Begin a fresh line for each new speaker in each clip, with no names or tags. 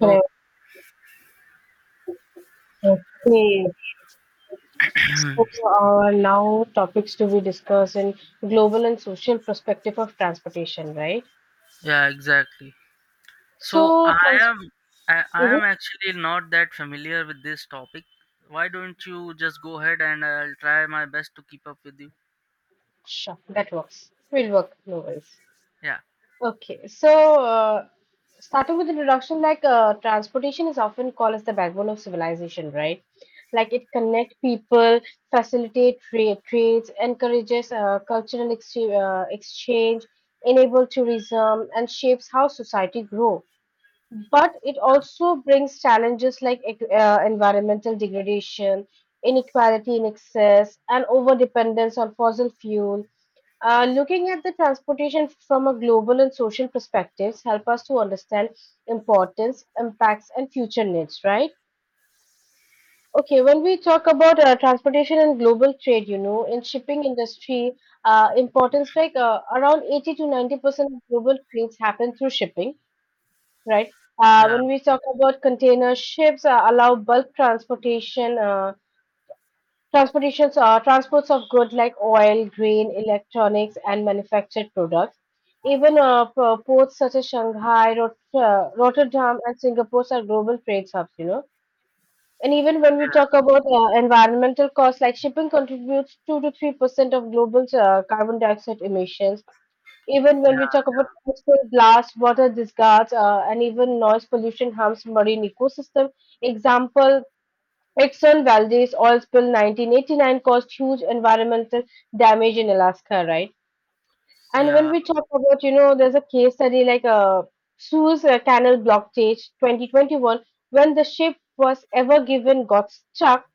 Oh,
Correct. Okay. So Now topics to be discussed in global and social perspective of transportation, right?
yeah, exactly. So
So
I
trans
am I, I
hmm
am actually not that familiar with this topic. Why don't you just go ahead and I'll try my best to keep up with you?
Sure, that works. Will work, no worries.
Yeah.
Okay, so uh, starting with introduction, like transportation is often called as the backbone of civilization, right? Like it connect people, facilitate trades, encourages cultural ex exchange, enable tourism, and shapes how society grow. But it
Yeah.
also brings challenges like environmental degradation, inequality in excess, and overdependence on fossil fuel. Looking at the transportation from a global and social perspectives help us to understand importance, impacts, and future needs. Right? Okay. When we talk about transportation and global trade, you know, in shipping industry, importance like around 80 to 90% of global trades happen through shipping, right?
Yeah.
When we talk about container ships, allow bulk transports of goods like oil, grain, electronics, and manufactured products. Even ports such as Shanghai, Rotterdam, and Singapore are global trade hubs, you know. And even when we talk about environmental costs, like shipping contributes 2 to 3% of global carbon dioxide emissions, even when we
Yeah.
talk about chemical blasts, water discards, and even noise pollution harms marine ecosystem. Example, Exxon Valdez oil spill 1989 caused huge environmental damage in Alaska, right? And when
Yeah.
we talk about, you know, there's a case study like Suez Canal blockage 2021, when the ship was ever given got stuck,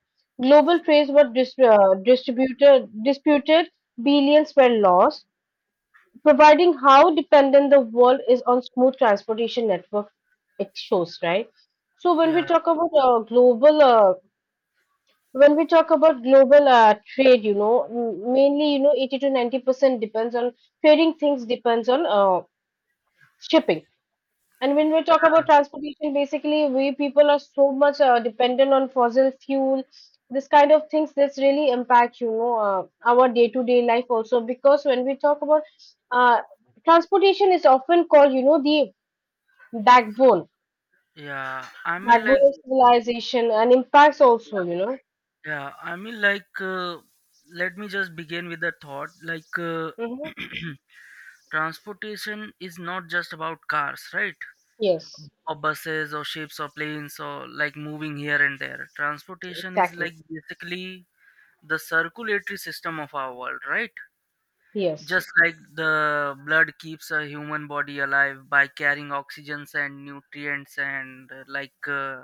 global trades were disputed, billions were lost, providing how dependent the world is on smooth transportation network, it shows, right? So when we
Yeah.
talk about global trade, you know, mainly, you know, 80 to 90% depends on trading things, depends on shipping. And when we talk
Yeah.
about transportation, basically, we people are so much dependent on fossil fuel, this kind of things. This really impact, you know, our day-to-day life also. Because when we talk about uh, transportation, is often called, you know, the backbone,
Yeah. I mean
backbone
like
of civilization, and impacts also,
yeah,
you know.
yeah. I mean like Let me just begin with a thought
Hmm.
transportation is not just about cars, right?
Yes,
Or buses or ships or planes or like moving here and there. Transportation is like
exactly.
basically the circulatory system of our world, right?
Yes.
Just like the blood keeps a human body alive by carrying oxygens and nutrients and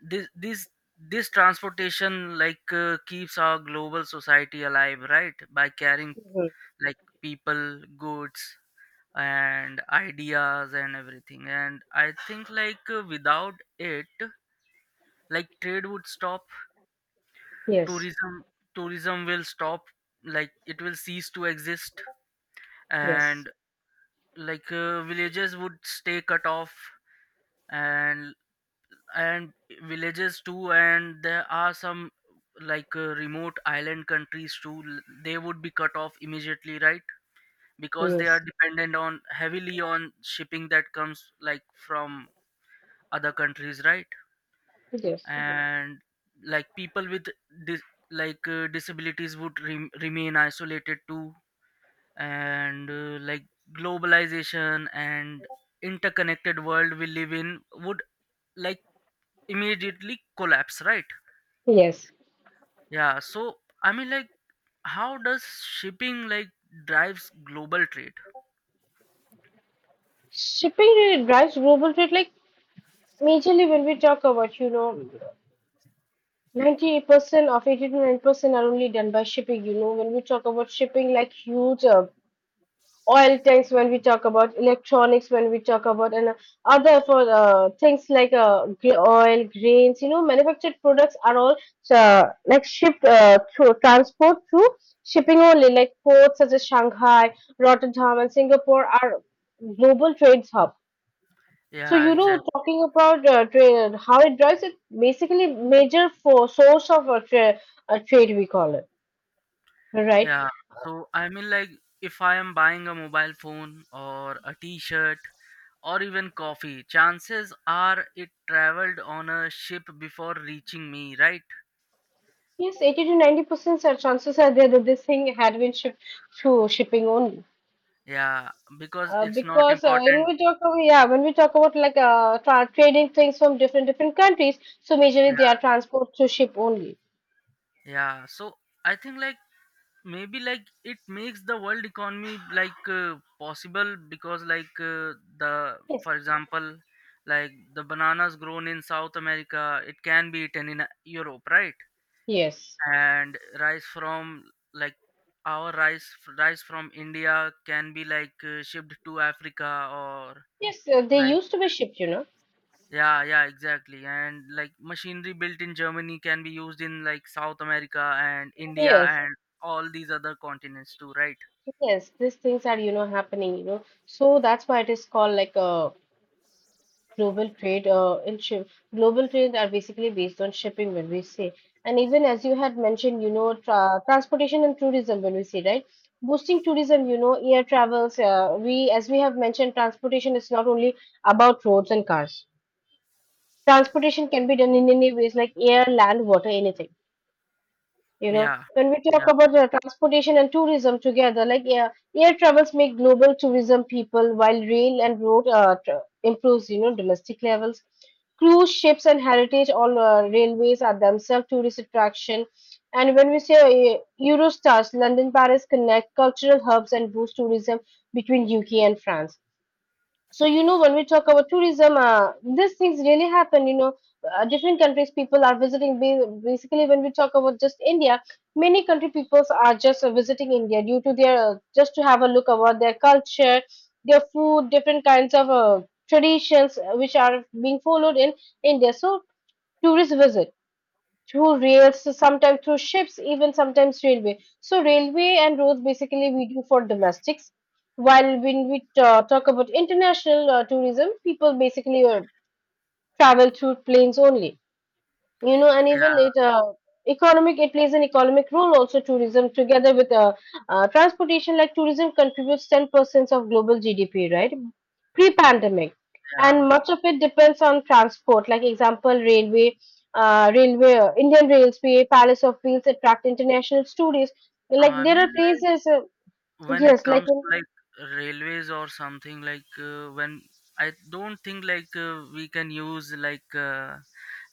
this this this transportation keeps our global society alive, right, by carrying
Mhm.
like people, goods, and ideas and everything. And I think without it, like, trade would stop,
Yes.
tourism tourism will stop, like, it will cease to exist.
Yes.
And villages would stay cut off. And and villages too, and there are some remote island countries too. They would be cut off immediately, right? Because they are
Yes.
dependent on heavily on shipping that comes like from other countries, right? Mhm.
Yes.
And like people with dis- disabilities would remain isolated too. And like globalization and interconnected world we live in would, like, immediately collapse, right?
Yes.
Yeah. So I mean, like, how does shipping like drives global trade?
Shipping really drives global trade. Like, majorly, when we talk about, you know, 98% of 80 to 9% are only done by shipping. You know, when we talk about shipping, like huge oil tanks, when we talk about electronics, when we talk about, and other for things like oil, grains, you know, manufactured products are all like shipped through transport through shipping only. Like ports such as Shanghai, Rotterdam, and Singapore are global trade hub. So,
Yeah,
you know,
exactly.
talking about trade, how it drives it, basically major for source of a trade we call it, right?
Yeah, so I mean, like, if I am buying a mobile phone or a t shirt or even coffee, chances are it traveled on a ship before reaching me, right?
Yes, 80 to 90% are chances are there that this thing had been shipped through shipping only.
Yeah, because it's not
Because When
important.
we talk about, yeah, when we talk about like trading things from different different countries, so
Yeah,
majorly they are transport to ship only.
yeah. So I think, like, maybe like it makes the world economy possible because the,
Yes,
for example, like the bananas grown in south america, it can be eaten in europe, right?
yes,
And rice from, like, our rice from india can be shipped to africa or
yes. They
like.
used to be shipped, you know.
Yeah, yeah, exactly. And like machinery built in germany can be used in like south america and india
Yes,
and all these other continents too, right?
yes. These things are, you know, happening, you know. So that's why it is called like a global trade in ship global trades are basically based on shipping when we say. And even as you had mentioned, you know, transportation and tourism when we say, right, boosting tourism, you know, air travels, we as we have mentioned, transportation is not only about roads and cars, transportation can be done in any ways, like air, land, water, anything. You know,
Yeah,
when we
yeah,
talk about transportation and tourism together, like air travels make global tourism people, while rail and road improves, you know, domestic levels. Cruise ships and heritage all railways are themselves tourist attraction. And when we say Eurostars, London, Paris connect cultural hubs and boost tourism between UK and France. So, you know, when we talk about tourism, these things really happen, you know. Different countries people are visiting. Basically when we talk about just India, many country peoples are just visiting India due to their, just to have a look about their culture, their food, different kinds of traditions which are being followed in India. So tourists visit through rails, so sometimes through ships, even sometimes railway. So railway and roads basically we do for domestics. While when we talk about international tourism, people basically travel through planes only, you know. And even
yeah,
it economic, it plays an economic role also, tourism together with transportation. Like tourism contributes 10% of global GDP, right, pre-pandemic,
yeah.
and much of it depends on transport, like example railway. Railway, Indian railway palace of wheels attract international tourists, like
I
there
mean,
are
like,
places
when it
yes like
comes
in-
to like railways or something when, I don't think we can use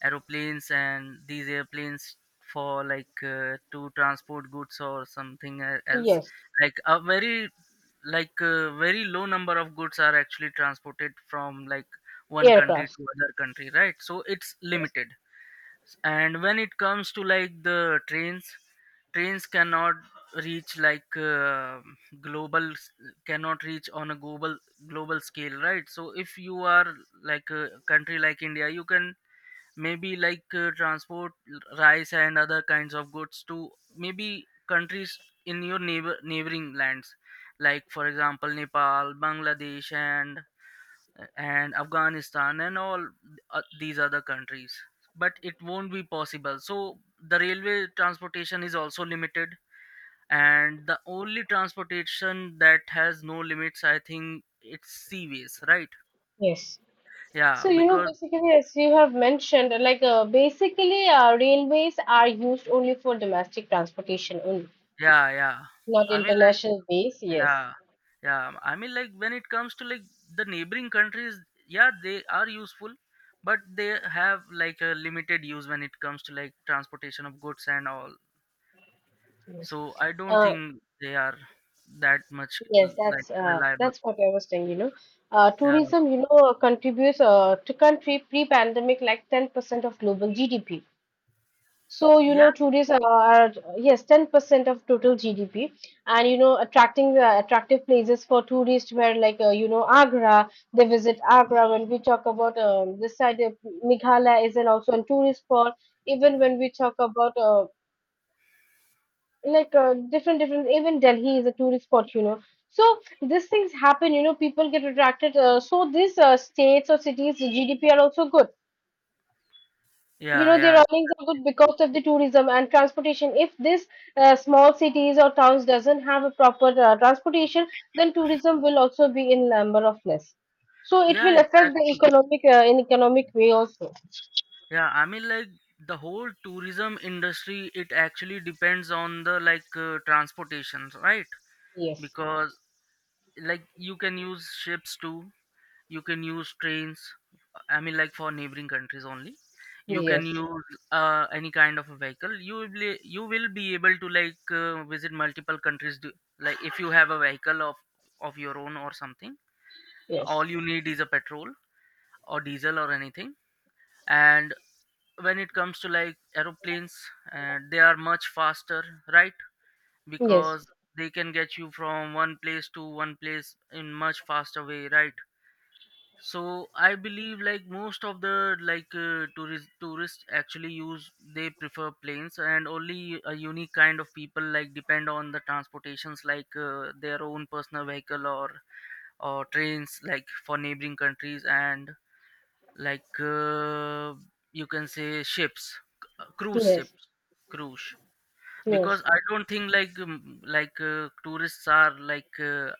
aeroplanes and these airplanes for to transport goods or something else,
yes.
like a very very low number of goods are actually transported from like one country
Aircrafts,
to other country, right? So it's
yes,
limited. And when it comes to like the trains, trains cannot reach global s- cannot reach on a global global scale, right? So if you are like a country like india, you can maybe transport rice and other kinds of goods to maybe countries in your neighbor neighboring lands, like, for example, nepal, bangladesh, and Afghanistan and all these other countries. But it won't be possible. So the railway transportation is also limited, and the only transportation that has no limits, I think, it's seaways, right?
yes.
Yeah,
So, you know,
because
basically, as you have mentioned, like basically, railways are used only for domestic transportation only,
yeah, yeah.
not
I mean, like
international base. Yes,
yeah, yeah. I mean, like, when it comes to like the neighboring countries, yeah, they are useful. But they have like a limited use when it comes to like transportation of goods and all.
yes,
So I don't
uh,
think they are that much
yes.
like reliable.
That's what I was saying. You know,
Yeah,
tourism, you know, contributes to country pre-pandemic like 10% of global GDP. So, you know, tourists are yes, 10% of total GDP. And, you know, attracting attractive places for tourists where, like, you know, Agra, they visit Agra. When we talk about this side, Meghalaya is an also a tourist spot. Even when we talk about, even Delhi is a tourist spot, you know. So, these things happen, you know, people get attracted. So, these states or cities, GDP are also good. You
yeah, yeah,
know, their
yeah,
earnings are
exactly.
good because of the tourism and transportation. If this small cities or towns doesn't have a proper transportation, then tourism will also be in number of less. So it
Yeah,
will affect the
exactly.
economic in economic way also.
Yeah, I mean, like, the whole tourism industry, it actually depends on the transportations, right?
Yes,
Because like you can use ships too, you can use trains, I mean, like, for neighboring countries only. You can
yes,
use any kind of a vehicle. You will be able to visit multiple countries do, like, if you have a vehicle of your own or something. All
yes,
you need is a petrol or diesel or anything. And when it comes to like aeroplanes, they are much faster, right?
yes,
Because they can get you from one place to one place in much faster way, right? So I believe like most of the tourists actually use, they prefer planes, and only a unique kind of people like depend on the transportations their own personal vehicle or trains, like, for neighboring countries, and like uh, you can say ships, cruise
yes,
ships, cruise,
yes,
because I don't think tourists are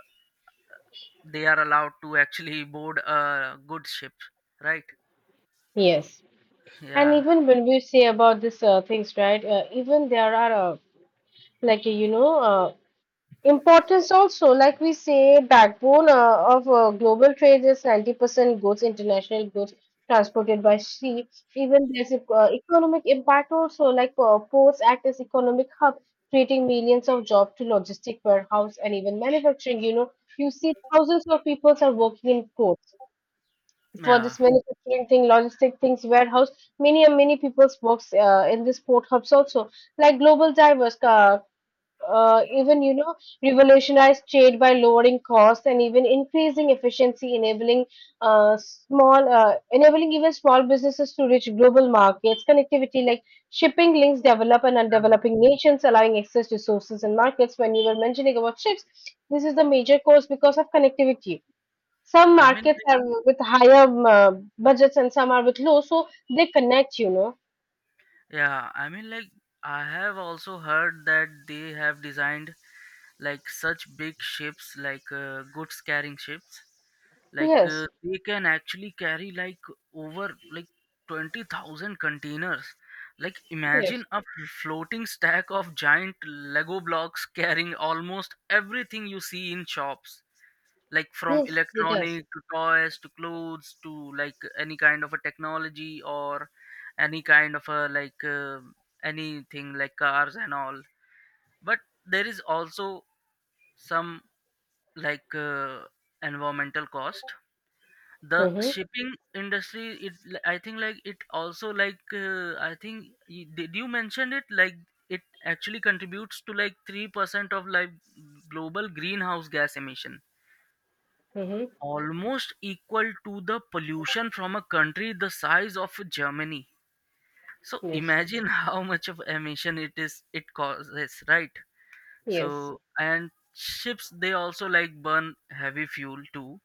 they are allowed to actually board a good ship, right?
yes. And
Yeah.
even when we say about this things, right, even there are like you know uh, importance also, like we say, backbone of global trade is 90% goods, international goods transported by sea. Even there's economic impact also, like ports act as economic hub, creating millions of jobs to logistic warehouse and even manufacturing. You know, you see thousands of people are working in ports for
Yeah,
this manufacturing thing, logistic things, warehouse. Many and many people's works in this port hubs also. Like global diverse even, you know, revolutionized trade by lowering costs and even increasing efficiency, enabling small enabling even small businesses to reach global markets connectivity, like shipping links develop and
um,
undeveloping nations, allowing access to sources and markets. When you were mentioning about ships, this is the major cause, because of connectivity some
I mean,
markets
like,
are with higher budgets and some are with low, so they connect, you know.
yeah, I mean, like, I have also heard that they have designed like such big ships, goods carrying ships,
Yes,
they can actually carry like over like 20,000 containers. Like,
yes,
imagine a floating stack of giant Lego blocks carrying almost everything you see in shops, like from
yes it does.
electronic to toys to clothes to like any kind of a technology or any kind of a anything like cars and all. But there is also some like uh, environmental cost. The
Mm-hmm,
shipping industry, I think like it also I think did you mention it? Like, it actually contributes to like 3% of like global greenhouse gas emission,
mm-hmm,
almost equal to the pollution from a country the size of Germany. So
yes.
imagine how much of emission it is, it causes, right?
Yes,
So and ships, they also like burn heavy fuel too,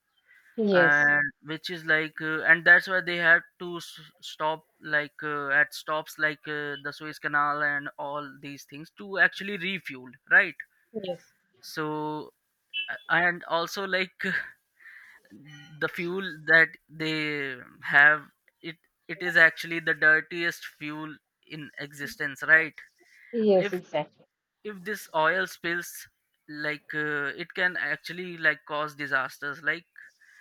yes,
and which is and that's why they had to stop at stops the Suez Canal and all these things to actually refuel, right?
yes,
So and also like the fuel that they have, it it is actually the dirtiest fuel in existence, right?
yes,
if
exactly.
if this oil spills, it can actually like cause disasters like,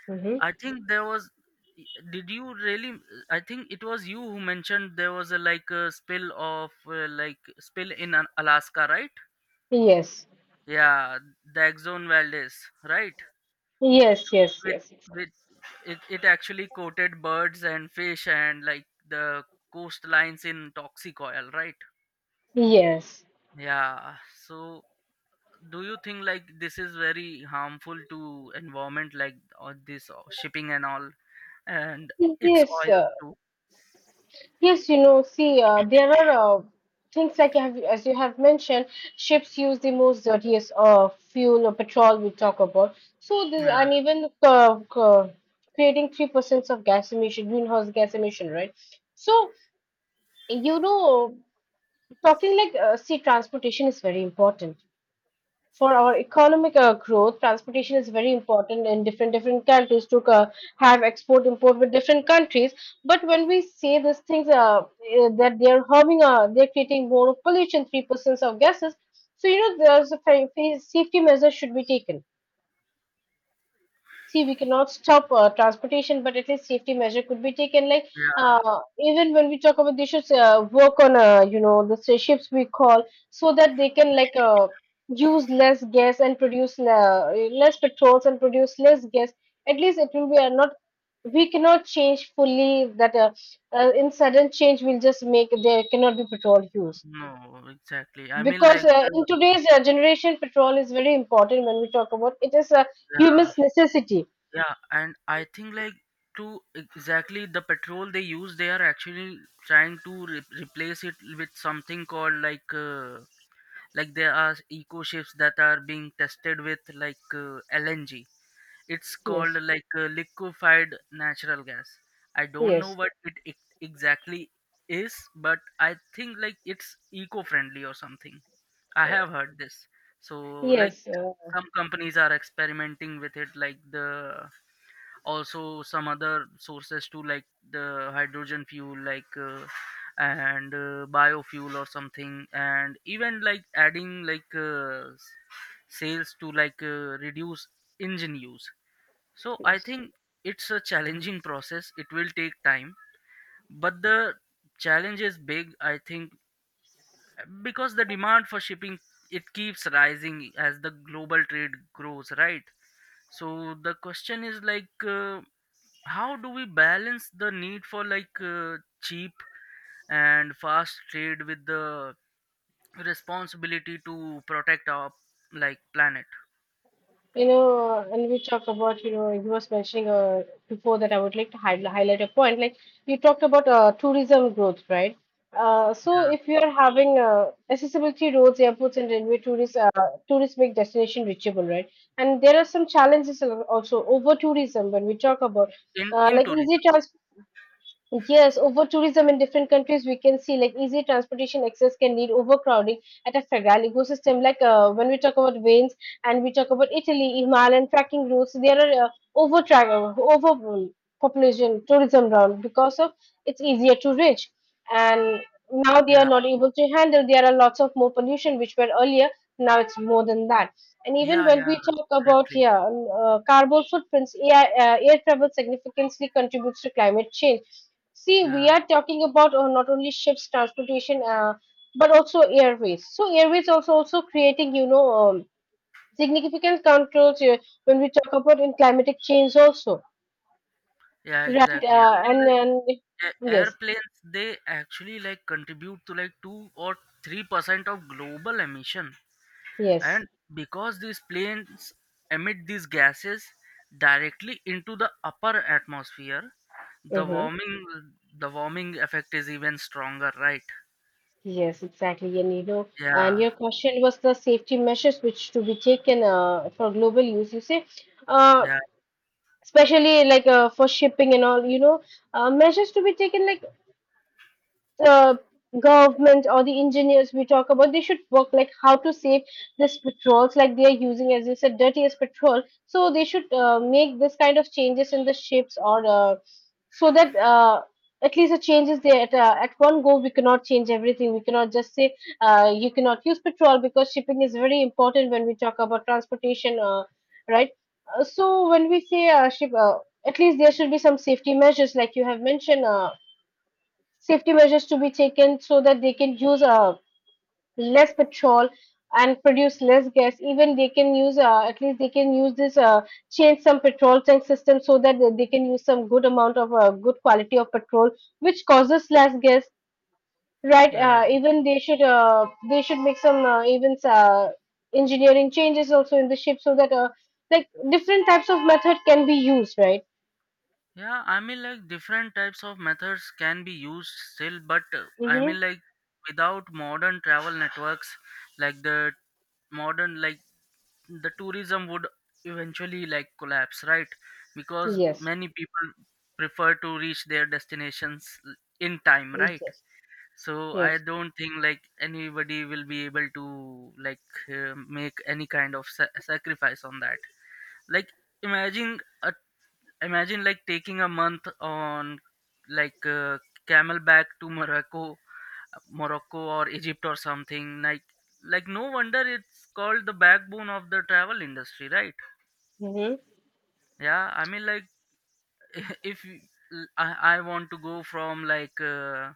Hmm.
I think there was, did you really, I think it was you who mentioned there was a like a spill of like spill in alaska, right?
Yes,
Yeah, the exxon valdez, right?
yes, yes,
with
yes, exactly.
with it, it actually coated birds and fish and like the coastlines in toxic oil, right?
Yes,
Yeah. So do you think like this is very harmful to environment, like all this shipping and all, and it's
yes,
oil
uh,
too?
yes. You know, see, there are things like you have, as you have mentioned, ships use the most dirtiest fuel or petrol we talk about. So this,
Yeah,
and even creating 3% of gas emission, greenhouse gas emission, right? So, you know, talking like sea transportation is very important for our economic growth. Transportation is very important in different different countries to have export import with different countries. But when we say these things that they are harming, they're creating more pollution, 3% of gases. So you know, there's a safety measure should be taken. See, we cannot stop transportation, but at least safety measure could be taken. Like
yeah,
even when we talk about, they should work on, you know, the ships we call, so that they can like use less gas and produce less petrols and produce less gas. At least it will be not, we cannot change fully that in sudden change, we'll just make there cannot be petrol use.
no exactly. I mean,
Because in today's generation petrol is very important when we talk about. It is a
yeah,
human's necessity.
yeah. And I think like to exactly the petrol they use, they are actually trying to replace it with something called like there are eco ships that are being tested with LNG. It's called
Yes.
liquefied natural gas. I don't know
Yes,
what it exactly is, but I think like it's eco-friendly or something. I have heard this. So, like,
yes, of
some companies are experimenting with it, like the also some other sources too, like the hydrogen fuel and biofuel or something, and even like adding sales to reduce engine use. So I think it's a challenging process, it will take time. But the challenge is big, I think, because the demand for shipping, it keeps rising as the global trade grows, right? So the question is how do we balance the need for cheap and fast trade with the responsibility to protect our like planet?
you know, and we talk about, you know, you was mentioning before that I would like to high highlight a point. Like, you talked about tourism growth, right? So
Yeah.
if you are having accessibility roads, airports, and railway tourist make destination reachable, right? And there are some challenges also over tourism when we talk about
in in
like
tourism.
easy transport. Yes, over tourism in different countries, we can see like easy transportation access can lead overcrowding at a fragile ecosystem. When we talk about veins and we talk about Italy, Himalayan trekking routes, there are over over population tourism round because of it's easier to reach, and now they are
Yeah,
not able to handle. There are lots of more pollution which were earlier. Now it's more than that. And even
yeah,
when
yeah,
we talk about
exactly.
yeah, carbon footprints, air travel significantly contributes to climate change. See, we
Yeah,
are talking about not only ships transportation, but also airways. So airways also creating, significant controls when we talk about in climatic change also,
yeah,
right?
exactly. I mean,
And
like,
then yes,
airplanes, they actually like contribute to like 2 or 3% of global emission.
yes,
And because these planes emit these gases directly into the upper atmosphere, the
mm-hmm.
warming the warming effect is even stronger, right?
Yes, exactly. And you know, and
Yeah,
your question was the safety measures which to be taken for global use. You say, uh,
yeah,
especially like for shipping and all, you know, measures to be taken like the government or the engineers we talk about they should work like how to save this petrols like they are using as you said dirtiest petrol, so they should make this kind of changes in the ships or so that at least the changes there at one go we cannot change everything, we cannot just say you cannot use petrol because shipping is very important when we talk about transportation right. So when we say ship at least there should be some safety measures like you have mentioned, safety measures to be taken so that they can use less petrol and produce less gas. Even they can use at least they can use this, change some petrol tank system so that they can use some good amount of good quality of petrol which causes less gas, right.
yeah ex-
Even they should make some even engineering changes also in the ship so that like different types of method can be used, right.
yeah. I mean, like, different types of methods can be used still, but I mean,
Mm-hmm.
like, without modern travel networks, like the modern, like, the tourism would eventually like collapse, right? Because
Yes,
many people prefer to reach their destinations in time, right?
yes,
So I
yes.
don't think like anybody will be able to make any kind of sacrifice on that. Like, imagine a, imagine like taking a month on like uh, camel to morocco or egypt or something like no wonder it's called the backbone of the travel industry, right?
Mm-hmm.
Yeah, I mean, like, if you- l- I want to go from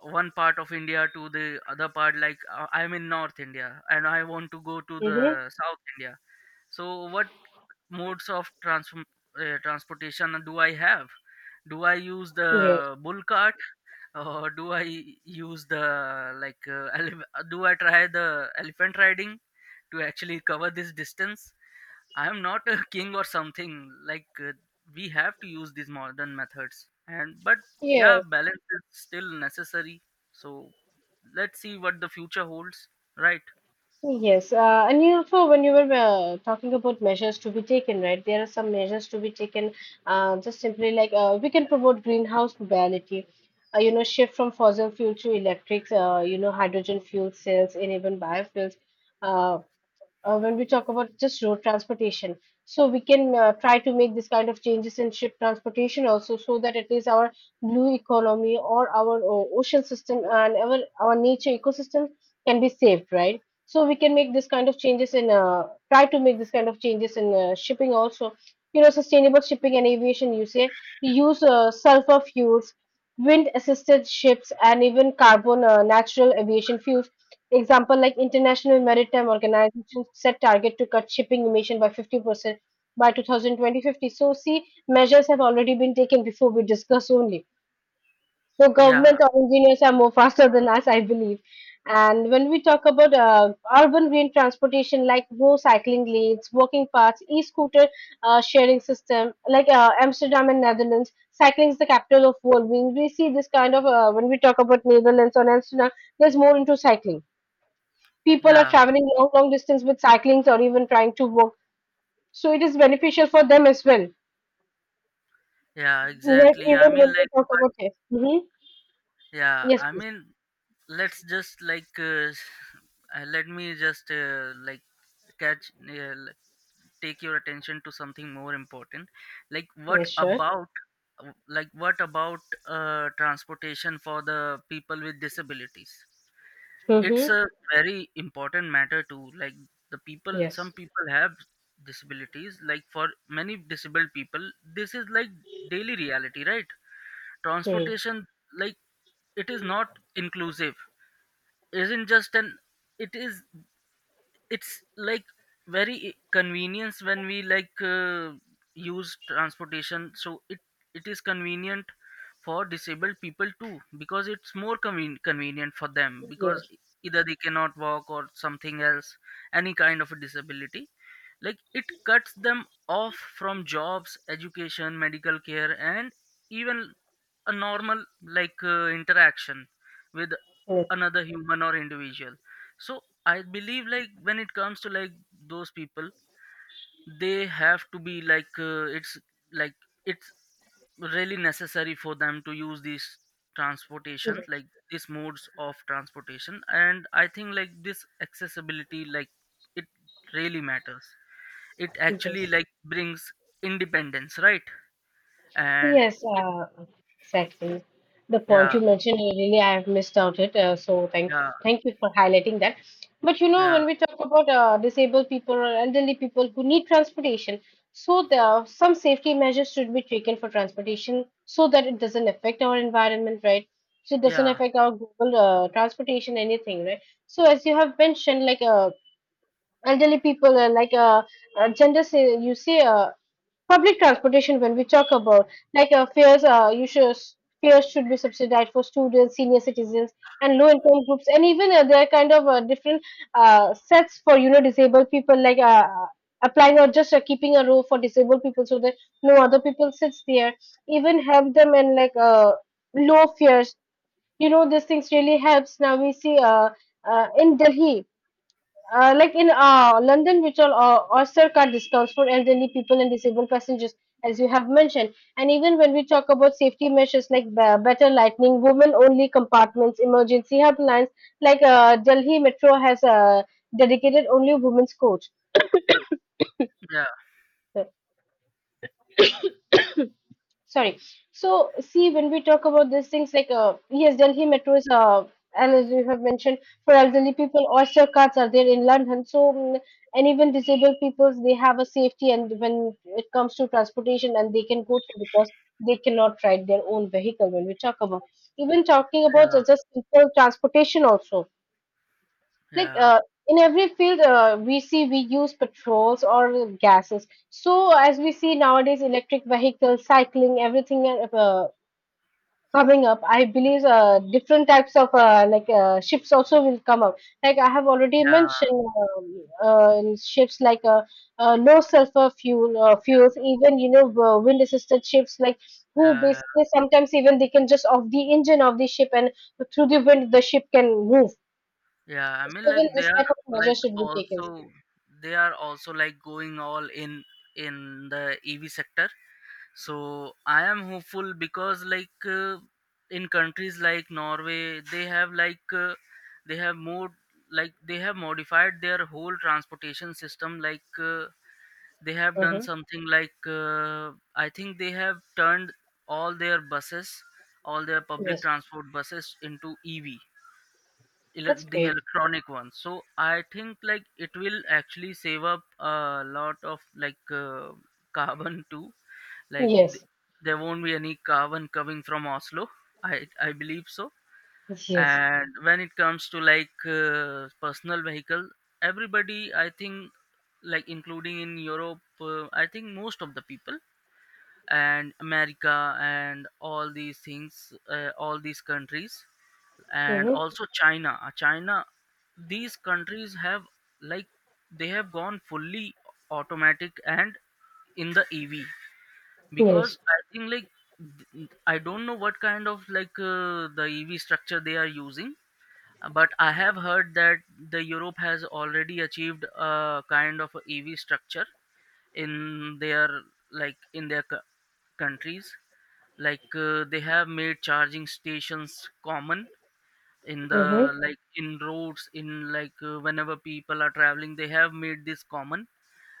one part of india to the other part, I'm in north india and I want to go to
Mm-hmm.
the south india. So what modes of transportation do I have? Do I use
Yes,
the bull cart, or do I use the do I try the elephant riding to actually cover this distance? I am not a king or something. We have to use these modern methods, and but yeah,
yes.
balance is still necessary. So let's see what the future holds, right?
Yes, and you also when you were talking about measures to be taken, right? There are some measures to be taken. Just simply like we can promote greenhouse mobility, you know, shift from fossil fuel to electric, you know, hydrogen fuel cells, and even biofuels. Uh, when we talk about just road transportation. So we can try to make this kind of changes in ship transportation also, so that at least our blue economy or our ocean system and our nature ecosystem can be saved, right? So we can make this kind of changes in try to make this kind of changes in shipping also. You know, sustainable shipping and aviation usage. We use sulfur fuels, wind assisted ships, and even carbon natural aviation fuels. Example like International Maritime Organization set target to cut shipping emission by 50% by two thousand twenty fifty. So see, measures have already been taken before we discuss only. So
Yeah,
government or engineers are more faster than us, I believe. And when we talk about urban green transportation, like no cycling lanes, walking paths, e-scooter sharing system, like Amsterdam and Netherlands, cycling is the capital of world. When we see this kind of when we talk about Netherlands or Amsterdam, there's more into cycling, people are
yeah,
traveling long, long distance with cyclings or even trying to walk. So it is beneficial for them as well.
yeah,
Yes,
exactly. I
even
mean,
when
like,
we talk about yes. Mm-hmm.
but yeah,
Yes,
I
please.
mean, let's just let me just like catch. Take your attention to something more important, like what
Yes, sure.
about like what about transportation for the people with disabilities. It's
Mm-hmm.
a very important matter too. Like the people some
Yes.
people have disabilities. Like for many disabled people, this is like daily reality, right?
Mm.
Transportation, like it is not inclusive, isn't just an it is it's like very convenience when we use transportation. So it is convenient for disabled people too, because it's more convenient for them, because
Yes.
either they cannot walk or something else, any kind of a disability. Like it cuts them off from jobs, education, medical care, and even a normal interaction with
Yes.
another human or individual. So I believe like when it comes to like those people, they have to be like it's really necessary for them to use these transportation,
Yes.
like these modes of transportation. And I think like this accessibility, like it really matters. It actually
Yes.
like brings independence, right? And
Yes,
it,
exactly. The point
yeah,
you mentioned, really, I have missed out it. So thanks,
yeah
thank you for highlighting that. But you know,
yeah
when we talk about disabled people or elderly people who need transportation, so there are some safety measures should be taken for transportation so that it doesn't affect our environment, right? So it doesn't
yeah
affect our global transportation, anything, right? So as you have mentioned, like elderly people, like gender, say you say public transportation, when we talk about like fares, you should, fares should be subsidized for students, senior citizens, and low-income groups, and even there are kind of different sets for, you know, disabled people, like applying or just keeping a row for disabled people so that no other people sits there. Even help them and like low fares, you know, these things really helps. Now we see in Delhi like in London, which all Oyster card discounts for elderly people and disabled passengers, as you have mentioned. And even when we talk about safety measures like better lighting, women-only compartments, emergency helplines, like Delhi Metro has dedicated only women's coach.
yeah
So, sorry, so see when we talk about these things like yes, Delhi Metro is and as you have mentioned, for elderly people Oyster cards are there in London, so mm, and even disabled peoples they have a safety, and when it comes to transportation and they can go through because they cannot ride their own vehicle when we talk about, even talking
yeah
about
yeah
just a simple transportation also, like
yeah
in every field we see we use petrols or gases, so as we see nowadays electric vehicles cycling everything coming up, I believe different types of like ships also will come up, like I have already
yeah
mentioned uh, ships like low sulfur fuel fuels, even you know wind assisted ships, like who
yeah
basically sometimes even they can just off the engine of the ship and through the wind the ship can move,
Yeah, I mean, like
even
they
this
are
type of measure
like
should be taken.
also they are also like going all in the EV sector. So I am hopeful, because like in countries like Norway, they have they have more like they have modified their whole transportation system. They have done
Mm-hmm.
something like I think they have turned all their buses, all their public
Yes,
transport buses into EV,
that's
the
great.
electronic ones. So I think like it will actually save up a lot of carbon too. like th-
Yes,
there won't be any carbon coming from Oslo, i I believe so.
yes,
And when it comes to personal vehicle, everybody, I think, including in Europe, I think most of the people, and America and all these things, all these countries, and
mm-hmm.
also China. China, these countries have like they have gone fully automatic and in the EV.
Yes,
Because I think I don't know what kind of like the EV structure they are using, but I have heard that the Europe has already achieved a kind of a EV structure in their like in their cou- countries. Like, they have made charging stations common in
mm-hmm.
the in roads, in like whenever people are traveling, they have made this common.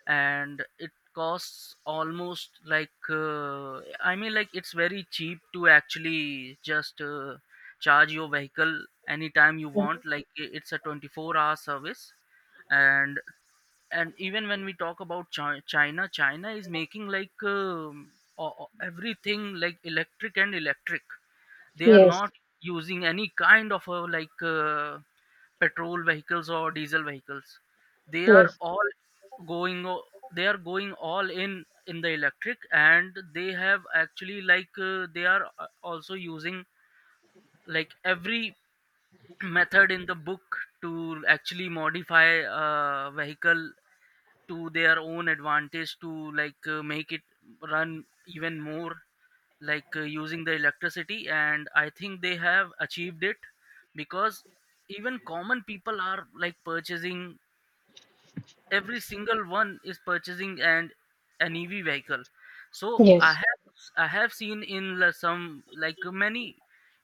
And it costs almost like I mean, like it's very cheap to actually just charge your vehicle anytime you
Mm-hmm.
want. Like it's a 24-hour service. And even when we talk about china is making like everything like electric and electric. They are
Yes,
not using any kind of petrol vehicles or diesel vehicles. They are
yes,
all going o- they are going all in the electric. And they have actually they are also using like every method in the book to actually modify a vehicle to their own advantage, to like make it run even more like using the electricity. And I think they have achieved it, because even common people are like purchasing, every single one is purchasing and an EV vehicle. So i
yes,
have I have seen in some, like many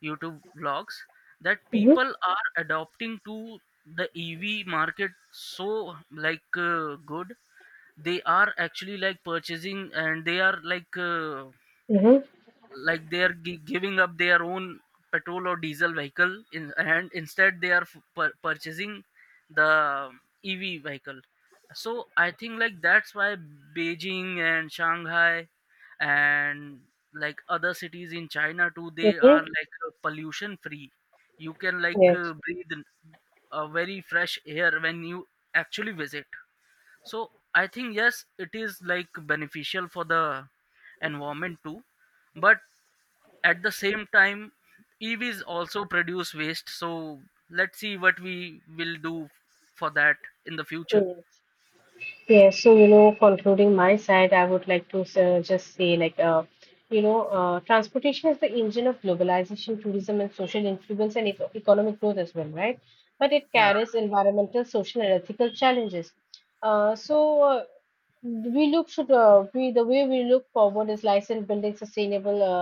YouTube vlogs, that
mm-hmm.
people are adopting to the EV market. So like good, they are actually like purchasing, and they are
Mm-hmm.
like they are giving up their own petrol or diesel vehicle, in and instead they are purchasing the EV vehicle. So I think like that's why Beijing and Shanghai and like other cities in China too, they are
Mm-hmm.
like pollution free. You can like
Yes,
breathe in a very fresh air when you actually visit. So I think yes, it is like beneficial for the environment too. But at the same time, EVs also produce waste. So let's see what we will do for that in the future.
yes. Yes, so you know, concluding my side, I would like to just say, like, you know, transportation is the engine of globalization, tourism, and social influence and economic growth as well, right? But it
Yeah.
carries environmental, social, and ethical challenges. So we look should we the way we look forward is like building sustainable.